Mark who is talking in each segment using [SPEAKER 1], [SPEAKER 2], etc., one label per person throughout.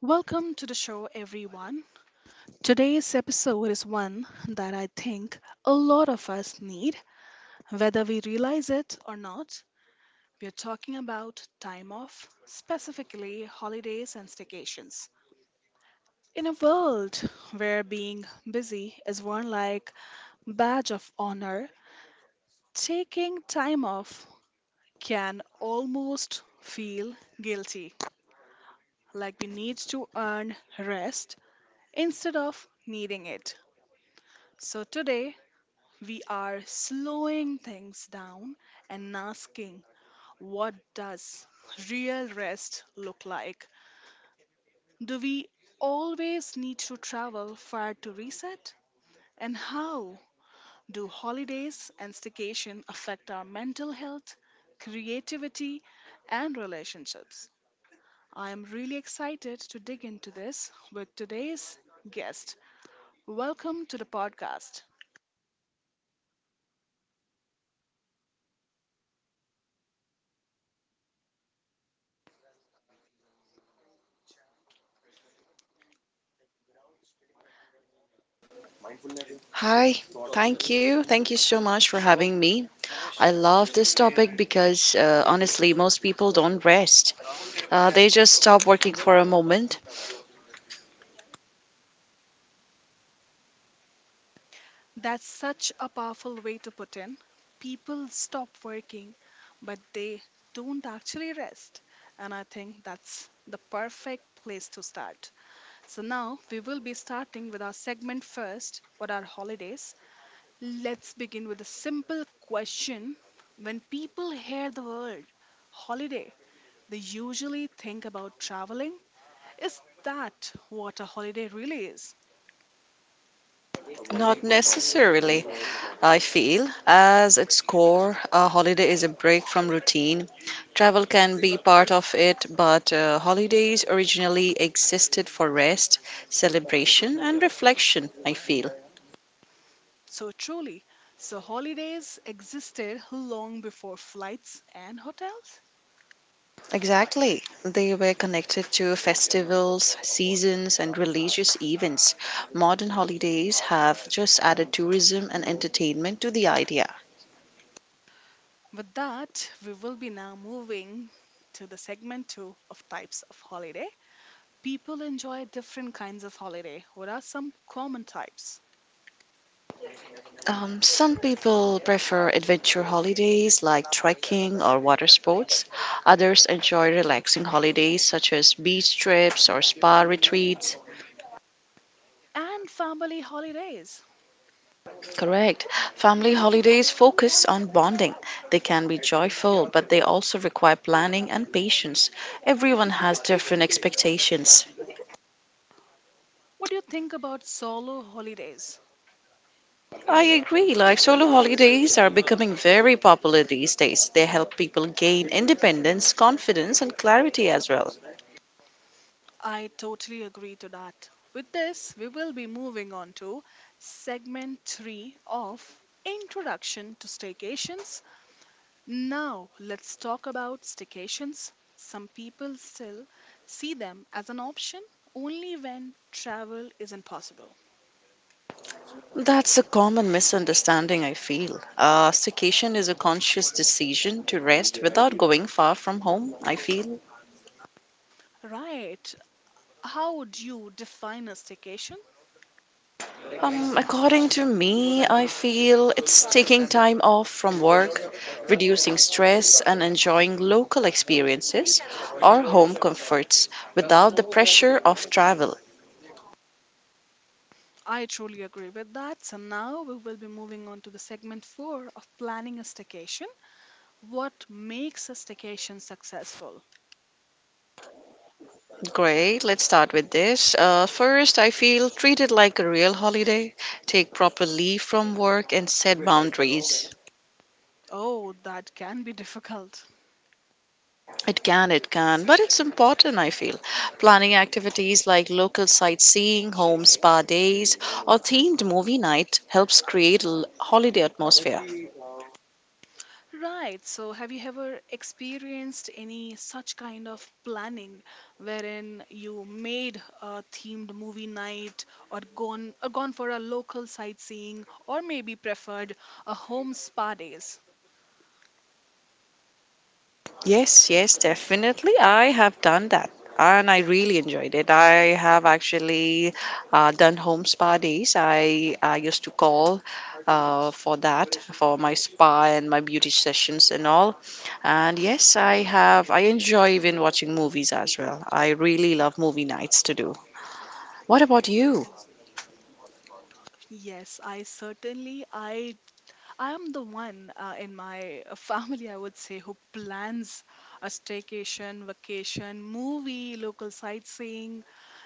[SPEAKER 1] Welcome to the show, everyone. Today's episode is one that I think a lot of us need, whether we realize it or not. We are talking about time off, specifically holidays and staycations. In a world where being busy is worn like badge of honor, taking time off can almost feel guilty, like we need to earn rest instead of needing it. So today we are slowing things down and asking, what does real rest look like? Do we always need to travel far to reset? And how do holidays and staycation affect our mental health, creativity, and relationships? I am really excited to dig into this with today's guest. Welcome to the podcast.
[SPEAKER 2] Hi, thank you. Thank you so much for having me. I love this topic because honestly, most people don't rest. They just stop working for a moment.
[SPEAKER 1] That's such a powerful way to put in. People stop working, but they don't actually rest. And I think that's the perfect place to start. So now we will be starting with our segment first. What are holidays? Let's begin with a simple question. When people hear the word holiday, they usually think about traveling. Is that what a holiday really is?
[SPEAKER 2] Not necessarily, I feel. As its core, a holiday is a break from routine. Travel can be part of it, but holidays originally existed for rest, celebration, and reflection, I feel.
[SPEAKER 1] So truly, so holidays existed long before flights and hotels.
[SPEAKER 2] Exactly. They were connected to festivals, seasons, and religious events. Modern holidays have just added tourism and entertainment to the idea.
[SPEAKER 1] With that, we will be now moving to the segment two of types of holiday. People enjoy different kinds of holiday. What are some common types?
[SPEAKER 2] Some people prefer adventure holidays like trekking or water sports. Others enjoy relaxing holidays such as beach trips or spa retreats.
[SPEAKER 1] And family holidays.
[SPEAKER 2] Correct. Family holidays focus on bonding. They can be joyful, but they also require planning and patience. Everyone has different expectations.
[SPEAKER 1] What do you think about solo holidays?
[SPEAKER 2] I agree. Like solo holidays are becoming very popular these days. They help people gain independence, confidence, and clarity as well.
[SPEAKER 1] I totally agree to that. With this, we will be moving on to segment three of Introduction to Staycations. Now, let's talk about staycations. Some people still see them as an option only when travel isn't possible.
[SPEAKER 2] That's a common misunderstanding, I feel. Staycation is a conscious decision to rest without going far from home, I feel.
[SPEAKER 1] Right. How would you define a staycation?
[SPEAKER 2] According to me, I feel it's taking time off from work, reducing stress, and enjoying local experiences or home comforts without the pressure of travel.
[SPEAKER 1] I truly agree with that. So now we will be moving on to the segment four of planning a staycation. What makes a staycation successful?
[SPEAKER 2] Great, let's start with this. First, I feel treated like a real holiday. Take proper leave from work and set boundaries.
[SPEAKER 1] Oh, that can be difficult.
[SPEAKER 2] It can, but it's important, I feel. Planning activities like local sightseeing, home spa days, or themed movie night helps create a holiday atmosphere.
[SPEAKER 1] Right. So, have you ever experienced any such kind of planning wherein you made a themed movie night or gone for a local sightseeing or maybe preferred a home spa days?
[SPEAKER 2] Yes, yes, definitely. I have done that and I really enjoyed it. I have actually done home spa days. I used to call for that, for my spa and my beauty sessions and all. And yes, I have, I enjoy even watching movies as well. I really love movie nights to do. What about you?
[SPEAKER 1] Yes, I certainly I am the one in my family, I would say, who plans a staycation, vacation, movie, local sightseeing,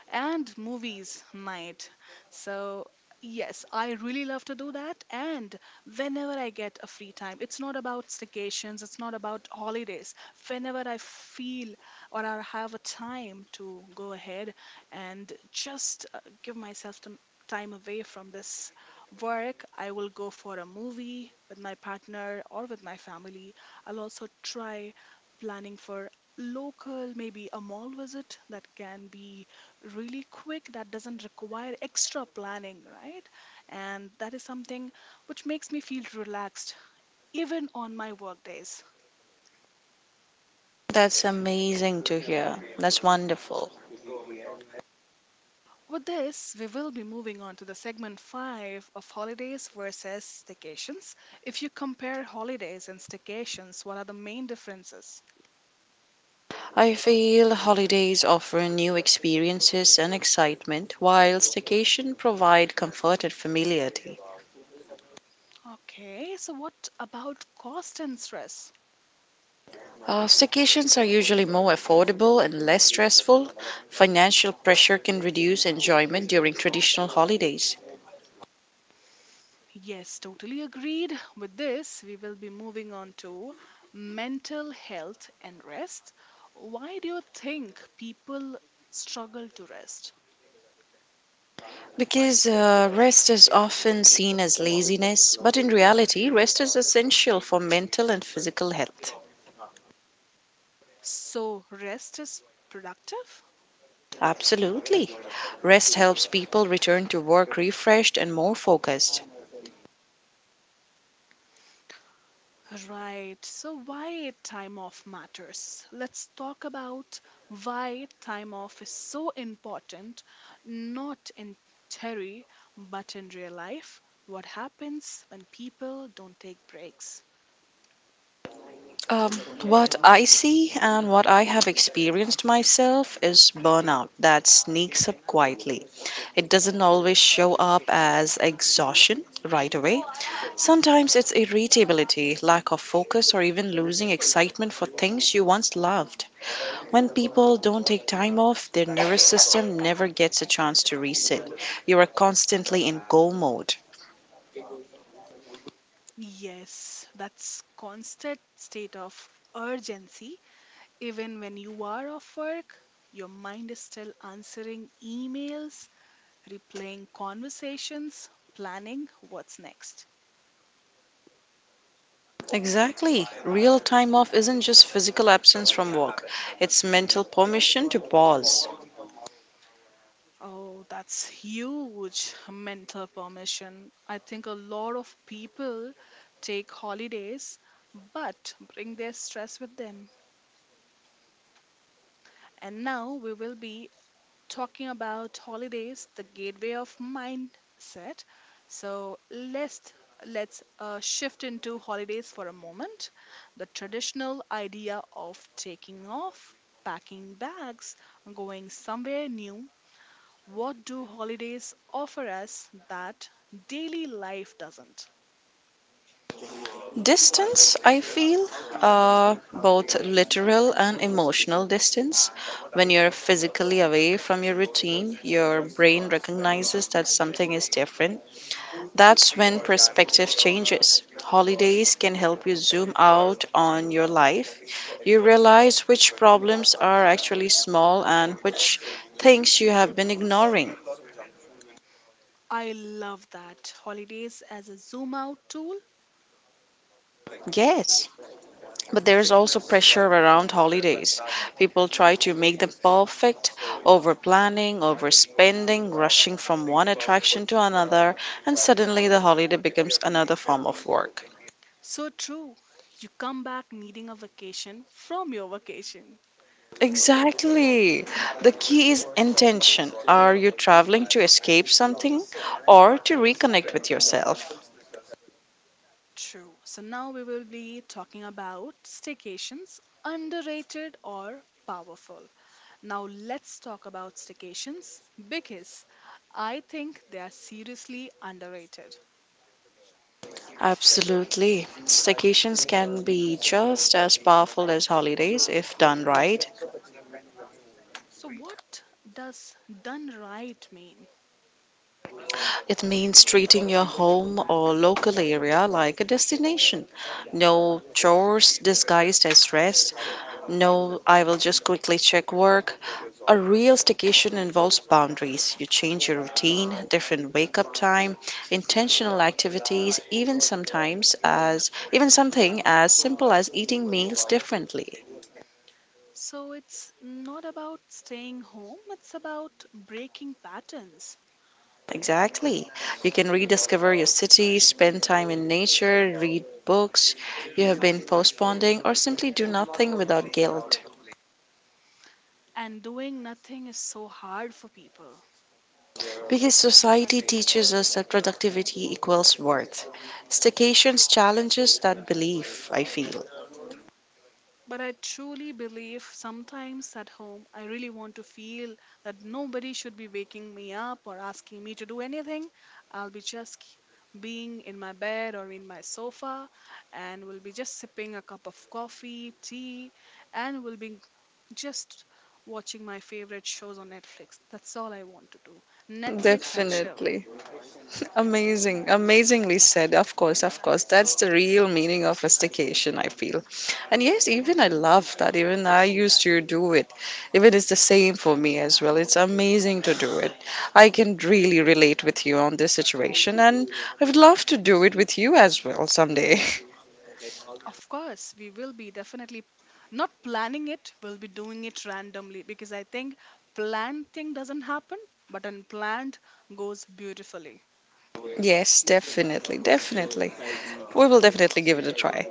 [SPEAKER 1] and movies night. So, yes, I really love to do that. And whenever I get a free time, it's not about staycations, it's not about holidays. Whenever I feel or I have a time to go ahead and just give myself some time away from this work, I will go for a movie with my partner or with my family. I'll also try planning for local, maybe a mall visit that can be really quick, that doesn't require extra planning, right? And that is something which makes me feel relaxed even on my work days.
[SPEAKER 2] That's amazing to hear. That's wonderful.
[SPEAKER 1] With this, we will be moving on to the segment 5 of holidays versus staycations. If you compare holidays and staycations, what are the main differences?
[SPEAKER 2] I feel holidays offer new experiences and excitement, while staycation provide comfort and familiarity.
[SPEAKER 1] Okay, so what about cost and stress?
[SPEAKER 2] Staycations are usually more affordable and less stressful. Financial pressure can reduce enjoyment during traditional holidays.
[SPEAKER 1] Yes, totally agreed. With this, we will be moving on to mental health and rest. Why do you think people struggle to rest?
[SPEAKER 2] Because rest is often seen as laziness, but in reality, rest is essential for mental and physical health.
[SPEAKER 1] So, rest is productive?
[SPEAKER 2] Absolutely. Rest helps people return to work refreshed and more focused.
[SPEAKER 1] Right, so why time off matters? Let's talk about why time off is so important, not in theory, but in real life. What happens when people don't take breaks?
[SPEAKER 2] Um, what I see and what I have experienced myself is burnout that sneaks up quietly. It doesn't always show up as exhaustion right away. Sometimes it's irritability, lack of focus, or even losing excitement for things you once loved. When people don't take time off, their nervous system never gets a chance to reset. You are constantly in go mode.
[SPEAKER 1] Yes, that's constant state of urgency. Even when you are off work, your mind is still answering emails, replaying conversations, planning what's next.
[SPEAKER 2] Exactly. Real time off isn't just physical absence from work, it's mental permission to pause.
[SPEAKER 1] Oh, that's huge mental permission. I think a lot of people take holidays but bring their stress with them. And now we will be talking about holidays, the gateway of mindset. So let's shift into holidays for a moment. The traditional idea of taking off, packing bags, going somewhere new. What do holidays offer us that daily life doesn't?
[SPEAKER 2] Distance, I feel, both literal and emotional distance. When you're physically away from your routine, your brain recognizes that something is different. That's when perspective changes. Holidays can help you zoom out on your life. You realize which problems are actually small and which things you have been ignoring.
[SPEAKER 1] I love that. Holidays as a zoom out tool.
[SPEAKER 2] Yes, but there's also pressure around holidays. People try to make them perfect, over planning, overspending, rushing from one attraction to another, and suddenly the holiday becomes another form of work.
[SPEAKER 1] So true. You come back needing a vacation from your vacation.
[SPEAKER 2] Exactly. The key is intention. Are you traveling to escape something or to reconnect with yourself?
[SPEAKER 1] True. So now we will be talking about staycations, underrated or powerful. Now let's talk about staycations because I think they are seriously underrated.
[SPEAKER 2] Absolutely. Staycations can be just as powerful as holidays if done right.
[SPEAKER 1] So what does done right mean?
[SPEAKER 2] It means treating your home or local area like a destination. No chores disguised as rest. No, I will just quickly check work. A real staycation involves boundaries. You change your routine, different wake up time, intentional activities, even sometimes as even something as simple as eating meals differently.
[SPEAKER 1] So it's not about staying home, it's about breaking patterns.
[SPEAKER 2] Exactly. You can rediscover your city, spend time in nature, read books you have been postponing, or simply do nothing without guilt.
[SPEAKER 1] And doing nothing is so hard for people.
[SPEAKER 2] Because society teaches us that productivity equals worth. Staycations challenges that belief, I feel.
[SPEAKER 1] But I truly believe sometimes at home I really want to feel that nobody should be waking me up or asking me to do anything. I'll be just being in my bed or in my sofa and will be just sipping a cup of coffee, tea, and will be just watching my favorite shows on Netflix. That's all I want to do. Netflix and chill.
[SPEAKER 2] Definitely. Amazing, amazingly said. Of course, of course. That's the real meaning of a staycation, I feel. And yes, even I love that. Even I used to do it. Even it's the same for me as well. It's amazing to do it. I can really relate with you on this situation, and I would love to do it with you as well someday.
[SPEAKER 1] Of course, we will be definitely not planning it, we'll be doing it randomly because I think planned thing doesn't happen, but unplanned goes beautifully.
[SPEAKER 2] Yes, definitely, definitely. We will definitely give it a try.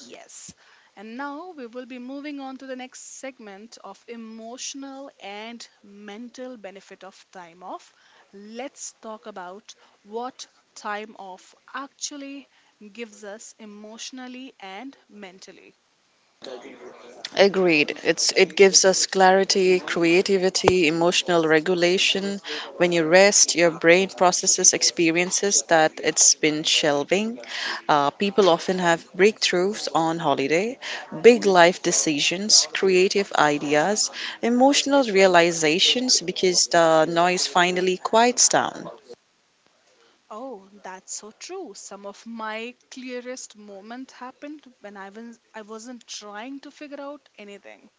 [SPEAKER 1] Yes. And now we will be moving on to the next segment of emotional and mental benefit of time off. Let's talk about what time off actually gives us emotionally and mentally.
[SPEAKER 2] Agreed. It gives us clarity, creativity, emotional regulation. When you rest, your brain processes experiences that it's been shelving. People often have breakthroughs on holiday, big life decisions, creative ideas, emotional realizations because the noise finally quiets down.
[SPEAKER 1] Oh, that's so true. Some of my clearest moments happened when I wasn't trying to figure out anything.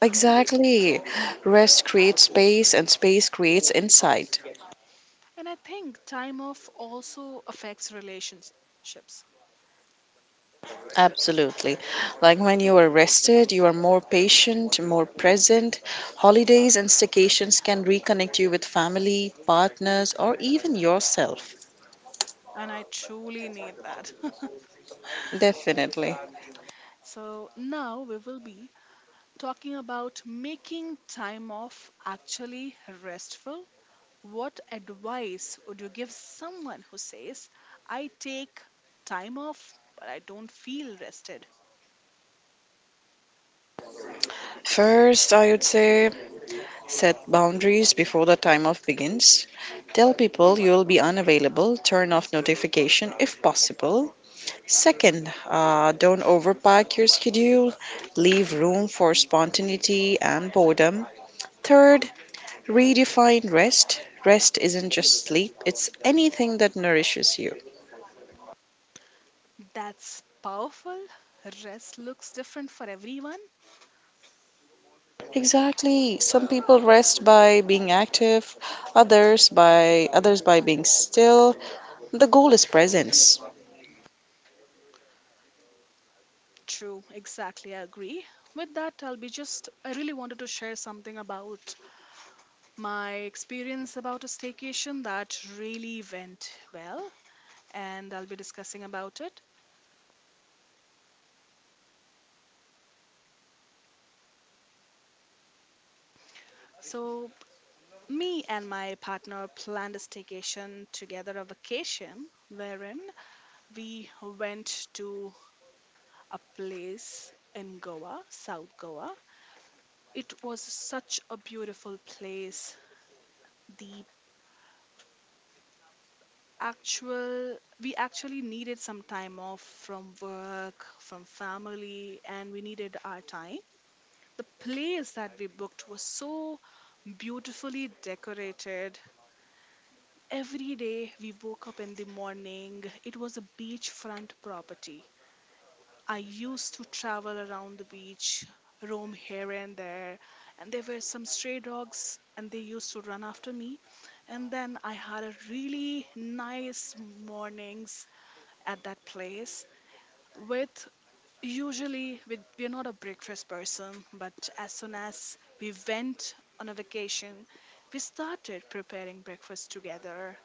[SPEAKER 2] Exactly. Rest creates space and space creates insight.
[SPEAKER 1] And I think time off also affects relationships.
[SPEAKER 2] Absolutely. Like when you are rested, you are more patient, more present. Holidays and staycations can reconnect you with family, partners, or even yourself.
[SPEAKER 1] And I truly need that.
[SPEAKER 2] Definitely.
[SPEAKER 1] So now we will be talking about making time off actually restful. What advice would you give someone who says, I take time off, but I don't feel rested?
[SPEAKER 2] First, I would say set boundaries before the time off begins. Tell people you'll be unavailable, turn off notification if possible. Second, don't overpack your schedule, leave room for spontaneity and boredom. Third, redefine rest. Rest isn't just sleep, it's anything that nourishes you.
[SPEAKER 1] That's powerful. Rest looks different for everyone.
[SPEAKER 2] Exactly. Some people rest by being active, others by being still. The goal is presence.
[SPEAKER 1] True, exactly. I agree. With that, I'll be just, I really wanted to share something about my experience about a staycation that really went well, and I'll be discussing about it. So, me and my partner planned a staycation together, a vacation, wherein we went to a place in Goa, South Goa. It was such a beautiful place. The actual, we actually needed some time off from work, from family, and we needed our time. The place that we booked was so beautifully decorated. Every day we woke up in the morning, it was a beachfront property. I used to travel around the beach, roam here and there were some stray dogs and they used to run after me. And then I had a really nice mornings at that place with usually with we're not a breakfast person, but as soon as we went on a vacation, we started preparing breakfast together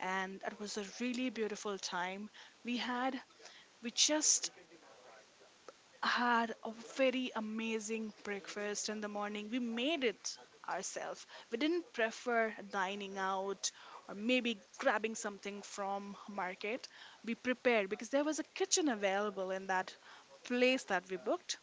[SPEAKER 1] and that was a really beautiful time. We had we just had a very amazing breakfast in the morning. We made it ourselves. We didn't prefer dining out or maybe grabbing something from market. We prepared because there was a kitchen available in that place that we booked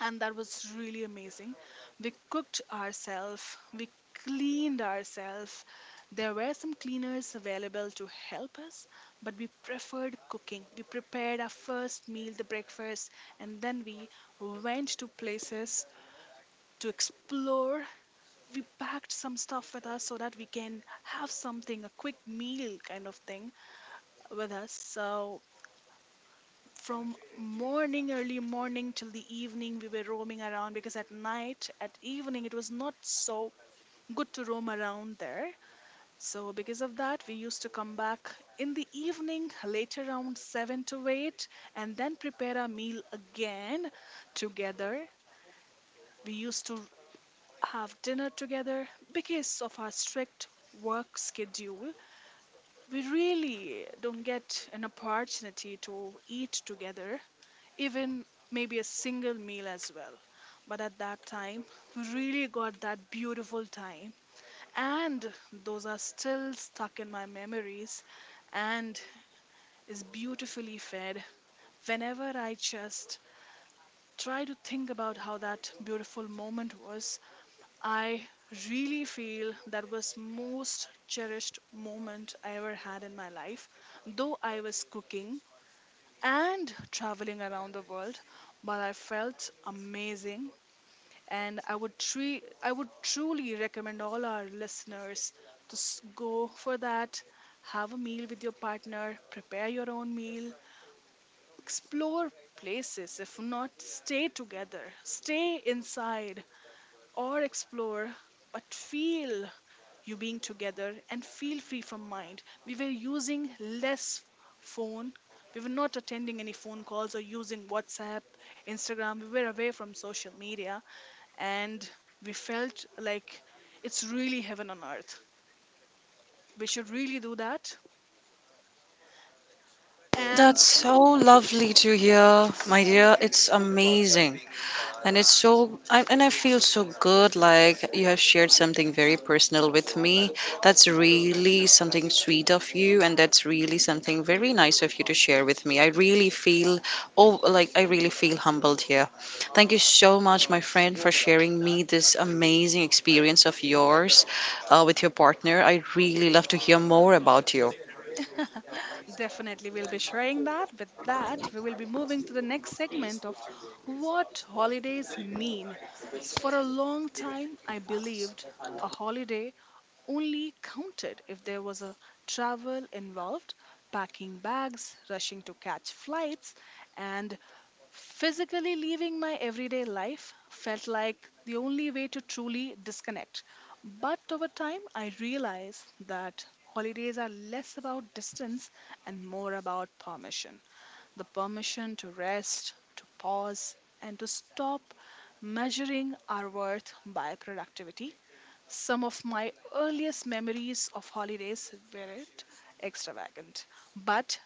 [SPEAKER 1] and that was really amazing. We cooked ourselves, we cleaned ourselves. There were some cleaners available to help us, but we preferred cooking. We prepared our first meal, the breakfast, and then we went to places to explore. We packed some stuff with us so that we can have something, a quick meal kind of thing with us. So from morning, early morning till the evening, we were roaming around, because at night, at evening it was not so good to roam around there. So because of that, we used to come back in the evening later around 7 to 8, and then prepare our meal again together. We used to have dinner together. Because of our strict work schedule, we really don't get an opportunity to eat together, even maybe a single meal as well. But at that time, we really got that beautiful time. And those are still stuck in my memories and is beautifully fed. Whenever I just try to think about how that beautiful moment was, I really feel that was most cherished moment I ever had in my life. Though I was cooking and traveling around the world, but I felt amazing, and I would truly recommend all our listeners to go for that. Have a meal with your partner, prepare your own meal, explore places, if not stay together, stay inside or explore, but feel you being together and feel free from mind. We were using less phone. We were not attending any phone calls or using WhatsApp, Instagram. We were away from social media, and we felt like it's really heaven on earth. We should really do that. And
[SPEAKER 2] That's so lovely to hear, my dear. It's amazing. And it's so I feel so good, like you have shared something very personal with me. That's really something sweet of you and that's really something very nice of you to share with me. I really feel, oh, like I really feel humbled here. Thank you so much, my friend, for sharing me this amazing experience of yours with your partner. I really love to hear more about you.
[SPEAKER 1] definitely, we'll be sharing that. With that, we will be moving to the next segment of what holidays mean. So for a long time, I believed a holiday only counted if there was a travel involved, packing bags, rushing to catch flights, and physically leaving my everyday life felt like the only way to truly disconnect. But over time, I realized that holidays are less about distance and more about permission, the permission to rest, to pause, and to stop measuring our worth by productivity. Some of my earliest memories of holidays were it extravagant, but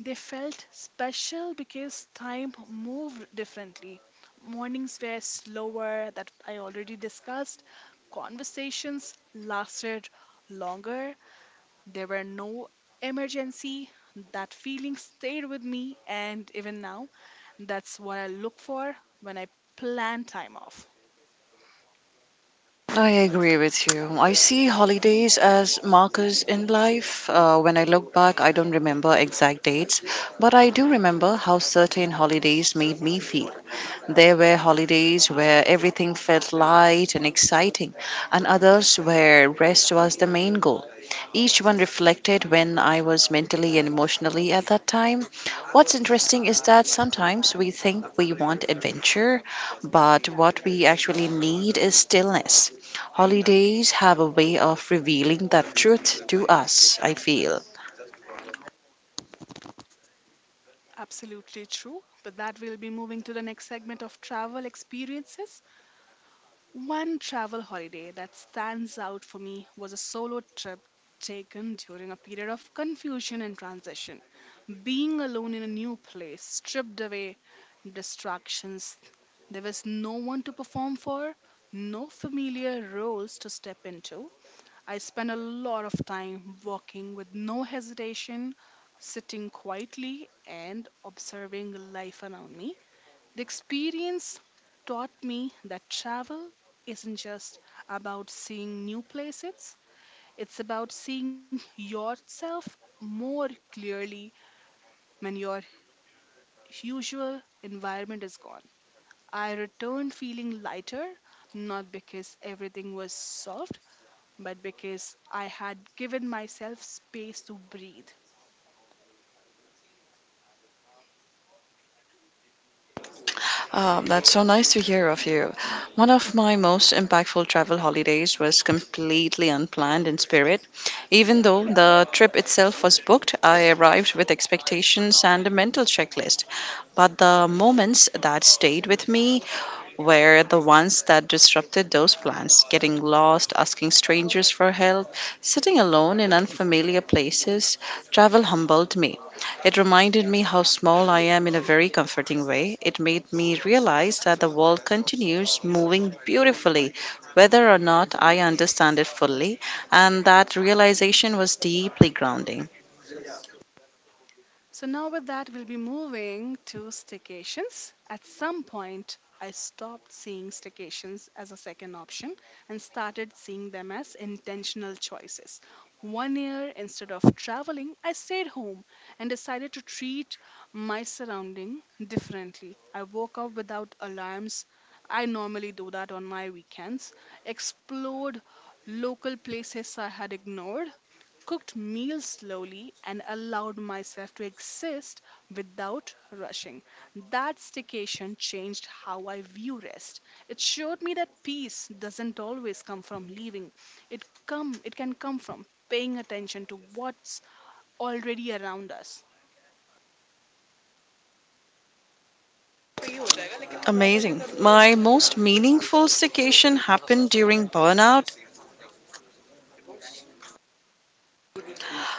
[SPEAKER 1] they felt special because time moved differently. Mornings were slower, that I already discussed. Conversations lasted longer. There were no emergency. That feeling stayed with me, and even now, that's what I look for when I plan time off.
[SPEAKER 2] I agree with you. I see holidays as markers in life. When I look back, I don't remember exact dates, but I do remember how certain holidays made me feel. There were holidays where everything felt light and exciting, and others where rest was the main goal. Each one reflected when I was mentally and emotionally at that time. What's interesting is that sometimes we think we want adventure, but what we actually need is stillness. Holidays have a way of revealing that truth to us, I feel.
[SPEAKER 1] Absolutely true. But that, we'll be moving to the next segment of travel experiences. One travel holiday that stands out for me was a solo trip taken during a period of confusion and transition. Being alone in a new place stripped away distractions. There was no one to perform for, no familiar roles to step into. I spent a lot of time walking with no hesitation, sitting quietly, and observing life around me. The experience taught me that travel isn't just about seeing new places, it's about seeing yourself more clearly when your usual environment is gone. I returned feeling lighter, not because everything was solved, but because I had given myself space to breathe.
[SPEAKER 2] That's so nice to hear of you. One of my most impactful travel holidays was completely unplanned in spirit. Even though the trip itself was booked, I arrived with expectations and a mental checklist. But the moments that stayed with me were the ones that disrupted those plans, getting lost, asking strangers for help, sitting alone in unfamiliar places. Travel humbled me. It reminded me how small I am in a very comforting way. It made me realize that the world continues moving beautifully, whether or not I understand it fully, and that realization was deeply grounding.
[SPEAKER 1] So now with that, we'll be moving to staycations. At some point, I stopped seeing staycations as a second option and started seeing them as intentional choices. One year, instead of traveling, I stayed home and decided to treat my surrounding differently. I woke up without alarms. I normally do that on my weekends. Explored local places I had ignored, cooked meals slowly, and allowed myself to exist without rushing. That staycation changed how I view rest. It showed me that peace doesn't always come from leaving. It can come from paying attention to what's already around us.
[SPEAKER 2] Amazing. My most meaningful staycation happened during burnout.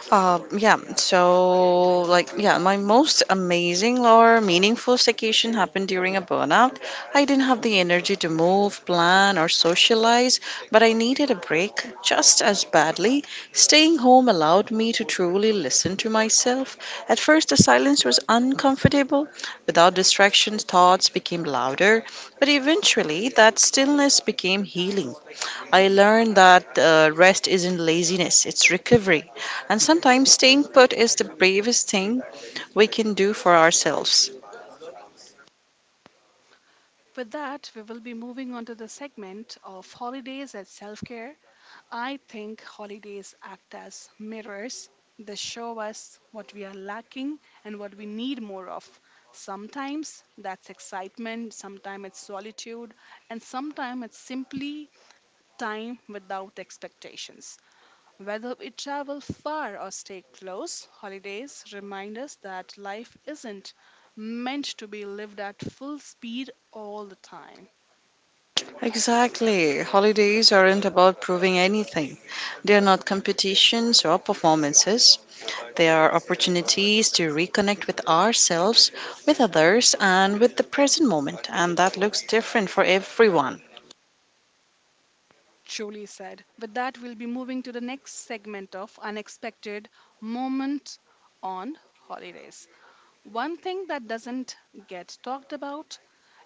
[SPEAKER 2] My most amazing or meaningful staycation happened during a burnout. I didn't have the energy to move, plan, or socialize, but I needed a break just as badly. Staying home allowed me to truly listen to myself. At first, the silence was uncomfortable. Without distractions, thoughts became louder, but eventually, that stillness became healing. I learned that rest isn't laziness, it's recovery. And sometimes staying put is the bravest thing we can do for ourselves.
[SPEAKER 1] With that, we will be moving on to the segment of holidays and self care. I think holidays act as mirrors. They show us what we are lacking and what we need more of. Sometimes that's excitement, sometimes it's solitude, and sometimes it's simply time without expectations. Whether we travel far or stay close, holidays remind us that life isn't meant to be lived at full speed all the time.
[SPEAKER 2] Exactly. Holidays aren't about proving anything, they are not competitions or performances. They are opportunities to reconnect with ourselves, with others, and with the present moment. And that looks different for everyone.
[SPEAKER 1] Truly said. With that, we'll be moving to the next segment of unexpected moments on holidays. One thing that doesn't get talked about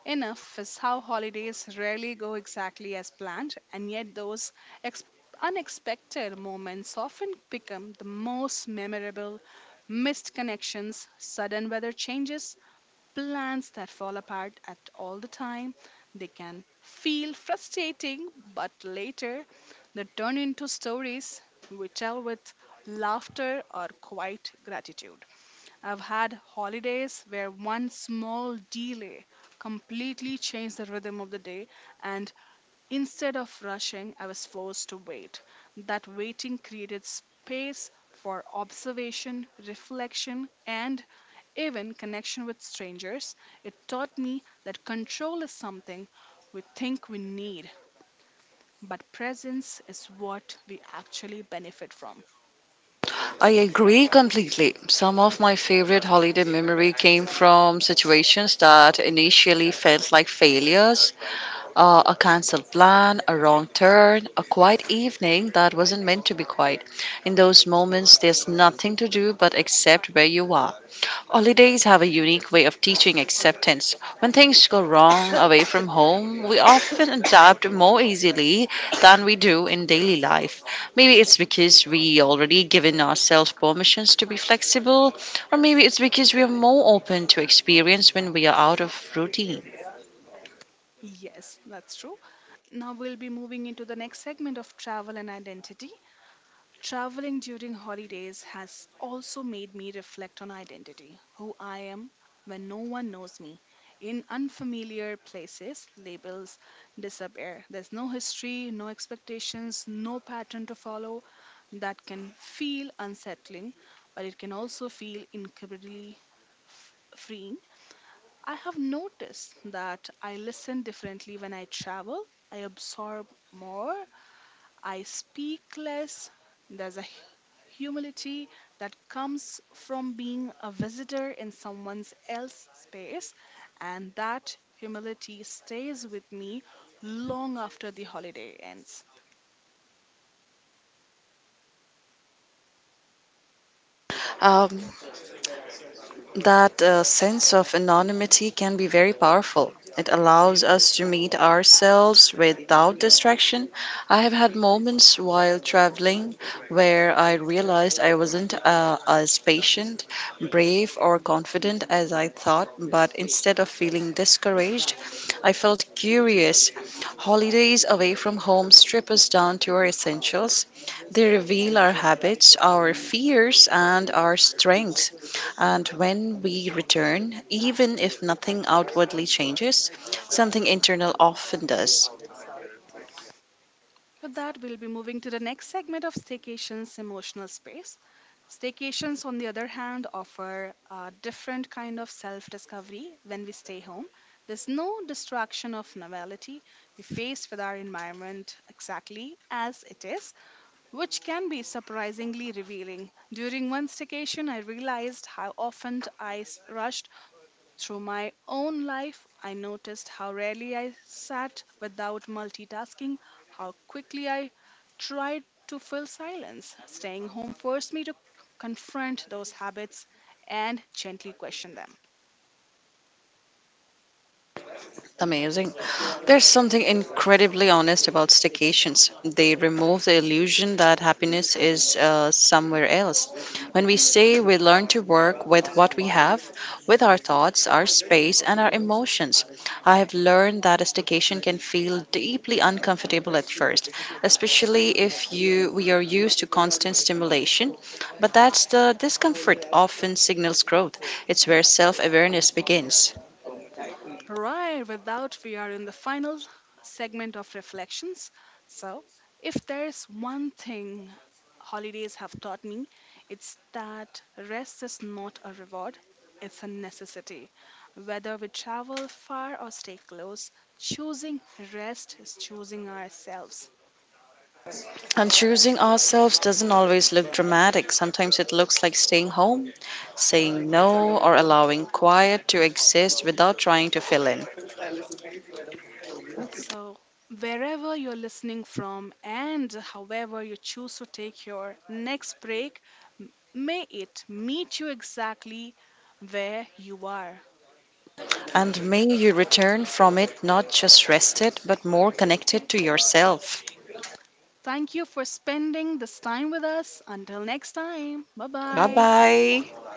[SPEAKER 1] enough is how holidays rarely go exactly as planned, and yet those ex- unexpected moments often become the most memorable: missed connections, sudden weather changes, plans that fall apart at all the time. They can feel frustrating, but later they turn into stories we tell with laughter or quiet gratitude. I've had holidays where one small delay completely changed the rhythm of the day, and instead of rushing, I was forced to wait. That waiting created space for observation, reflection, and even connection with strangers. It taught me that control is something we think we need, but presence is what we actually benefit from.
[SPEAKER 2] I agree completely. Some of my favorite holiday memory came from situations that initially felt like failures, a canceled plan, a wrong turn, a quiet evening that wasn't meant to be quiet. In those moments, there's nothing to do but accept where you are. Holidays have a unique way of teaching acceptance. When things go wrong away from home, we often adapt more easily than we do in daily life. Maybe it's because we already given ourselves permissions to be flexible, or maybe it's because we are more open to experience when we are out of routine.
[SPEAKER 1] Yes, that's true. Now we'll be moving into the next segment of travel and identity. Traveling during holidays has also made me reflect on identity, who I am when no one knows me. In unfamiliar places, labels disappear. There's no history, no expectations, no pattern to follow. That can feel unsettling, but it can also feel incredibly f- freeing. I have noticed that I listen differently when I travel. I absorb more, I speak less. There's a humility that comes from being a visitor in someone else's space, and that humility stays with me long after the holiday ends.
[SPEAKER 2] Um, That sense of anonymity can be very powerful. It allows us to meet ourselves without distraction. I have had moments while traveling where I realized I wasn't as patient, brave, or confident as I thought, but instead of feeling discouraged, I felt curious. Holidays away from home strip us down to our essentials. They reveal our habits, our fears, and our strengths, and when we return, even if nothing outwardly changes, something internal often does.
[SPEAKER 1] With that, we'll be moving to the next segment of staycations emotional space. Staycations, on the other hand, offer a different kind of self discovery when we stay home. There's no distraction of novelty. We face with our environment exactly as it is, which can be surprisingly revealing. During one staycation, I realized how often I rushed through my own life. I noticed how rarely I sat without multitasking, how quickly I tried to fill silence. Staying home forced me to confront those habits and gently question them.
[SPEAKER 2] Amazing. There's something incredibly honest about staycations. They remove the illusion that happiness is somewhere else. When we stay, we learn to work with what we have, with our thoughts, our space, and our emotions. I have learned that a staycation can feel deeply uncomfortable at first, especially if you we are used to constant stimulation. But that's the discomfort often signals growth. It's where self-awareness begins.
[SPEAKER 1] Right, without we are in the final segment of reflections. So, if there's one thing holidays have taught me, it's that rest is not a reward, it's a necessity. Whether we travel far or stay close, choosing rest is choosing ourselves.
[SPEAKER 2] And choosing ourselves doesn't always look dramatic. Sometimes it looks like staying home, saying no, or allowing quiet to exist without trying to fill in.
[SPEAKER 1] So, wherever you're listening from and however you choose to take your next break, may it meet you exactly where you are.
[SPEAKER 2] And may you return from it not just rested, but more connected to yourself.
[SPEAKER 1] Thank you for spending this time with us. Until next time, bye
[SPEAKER 2] Bye
[SPEAKER 1] bye.
[SPEAKER 2] bye.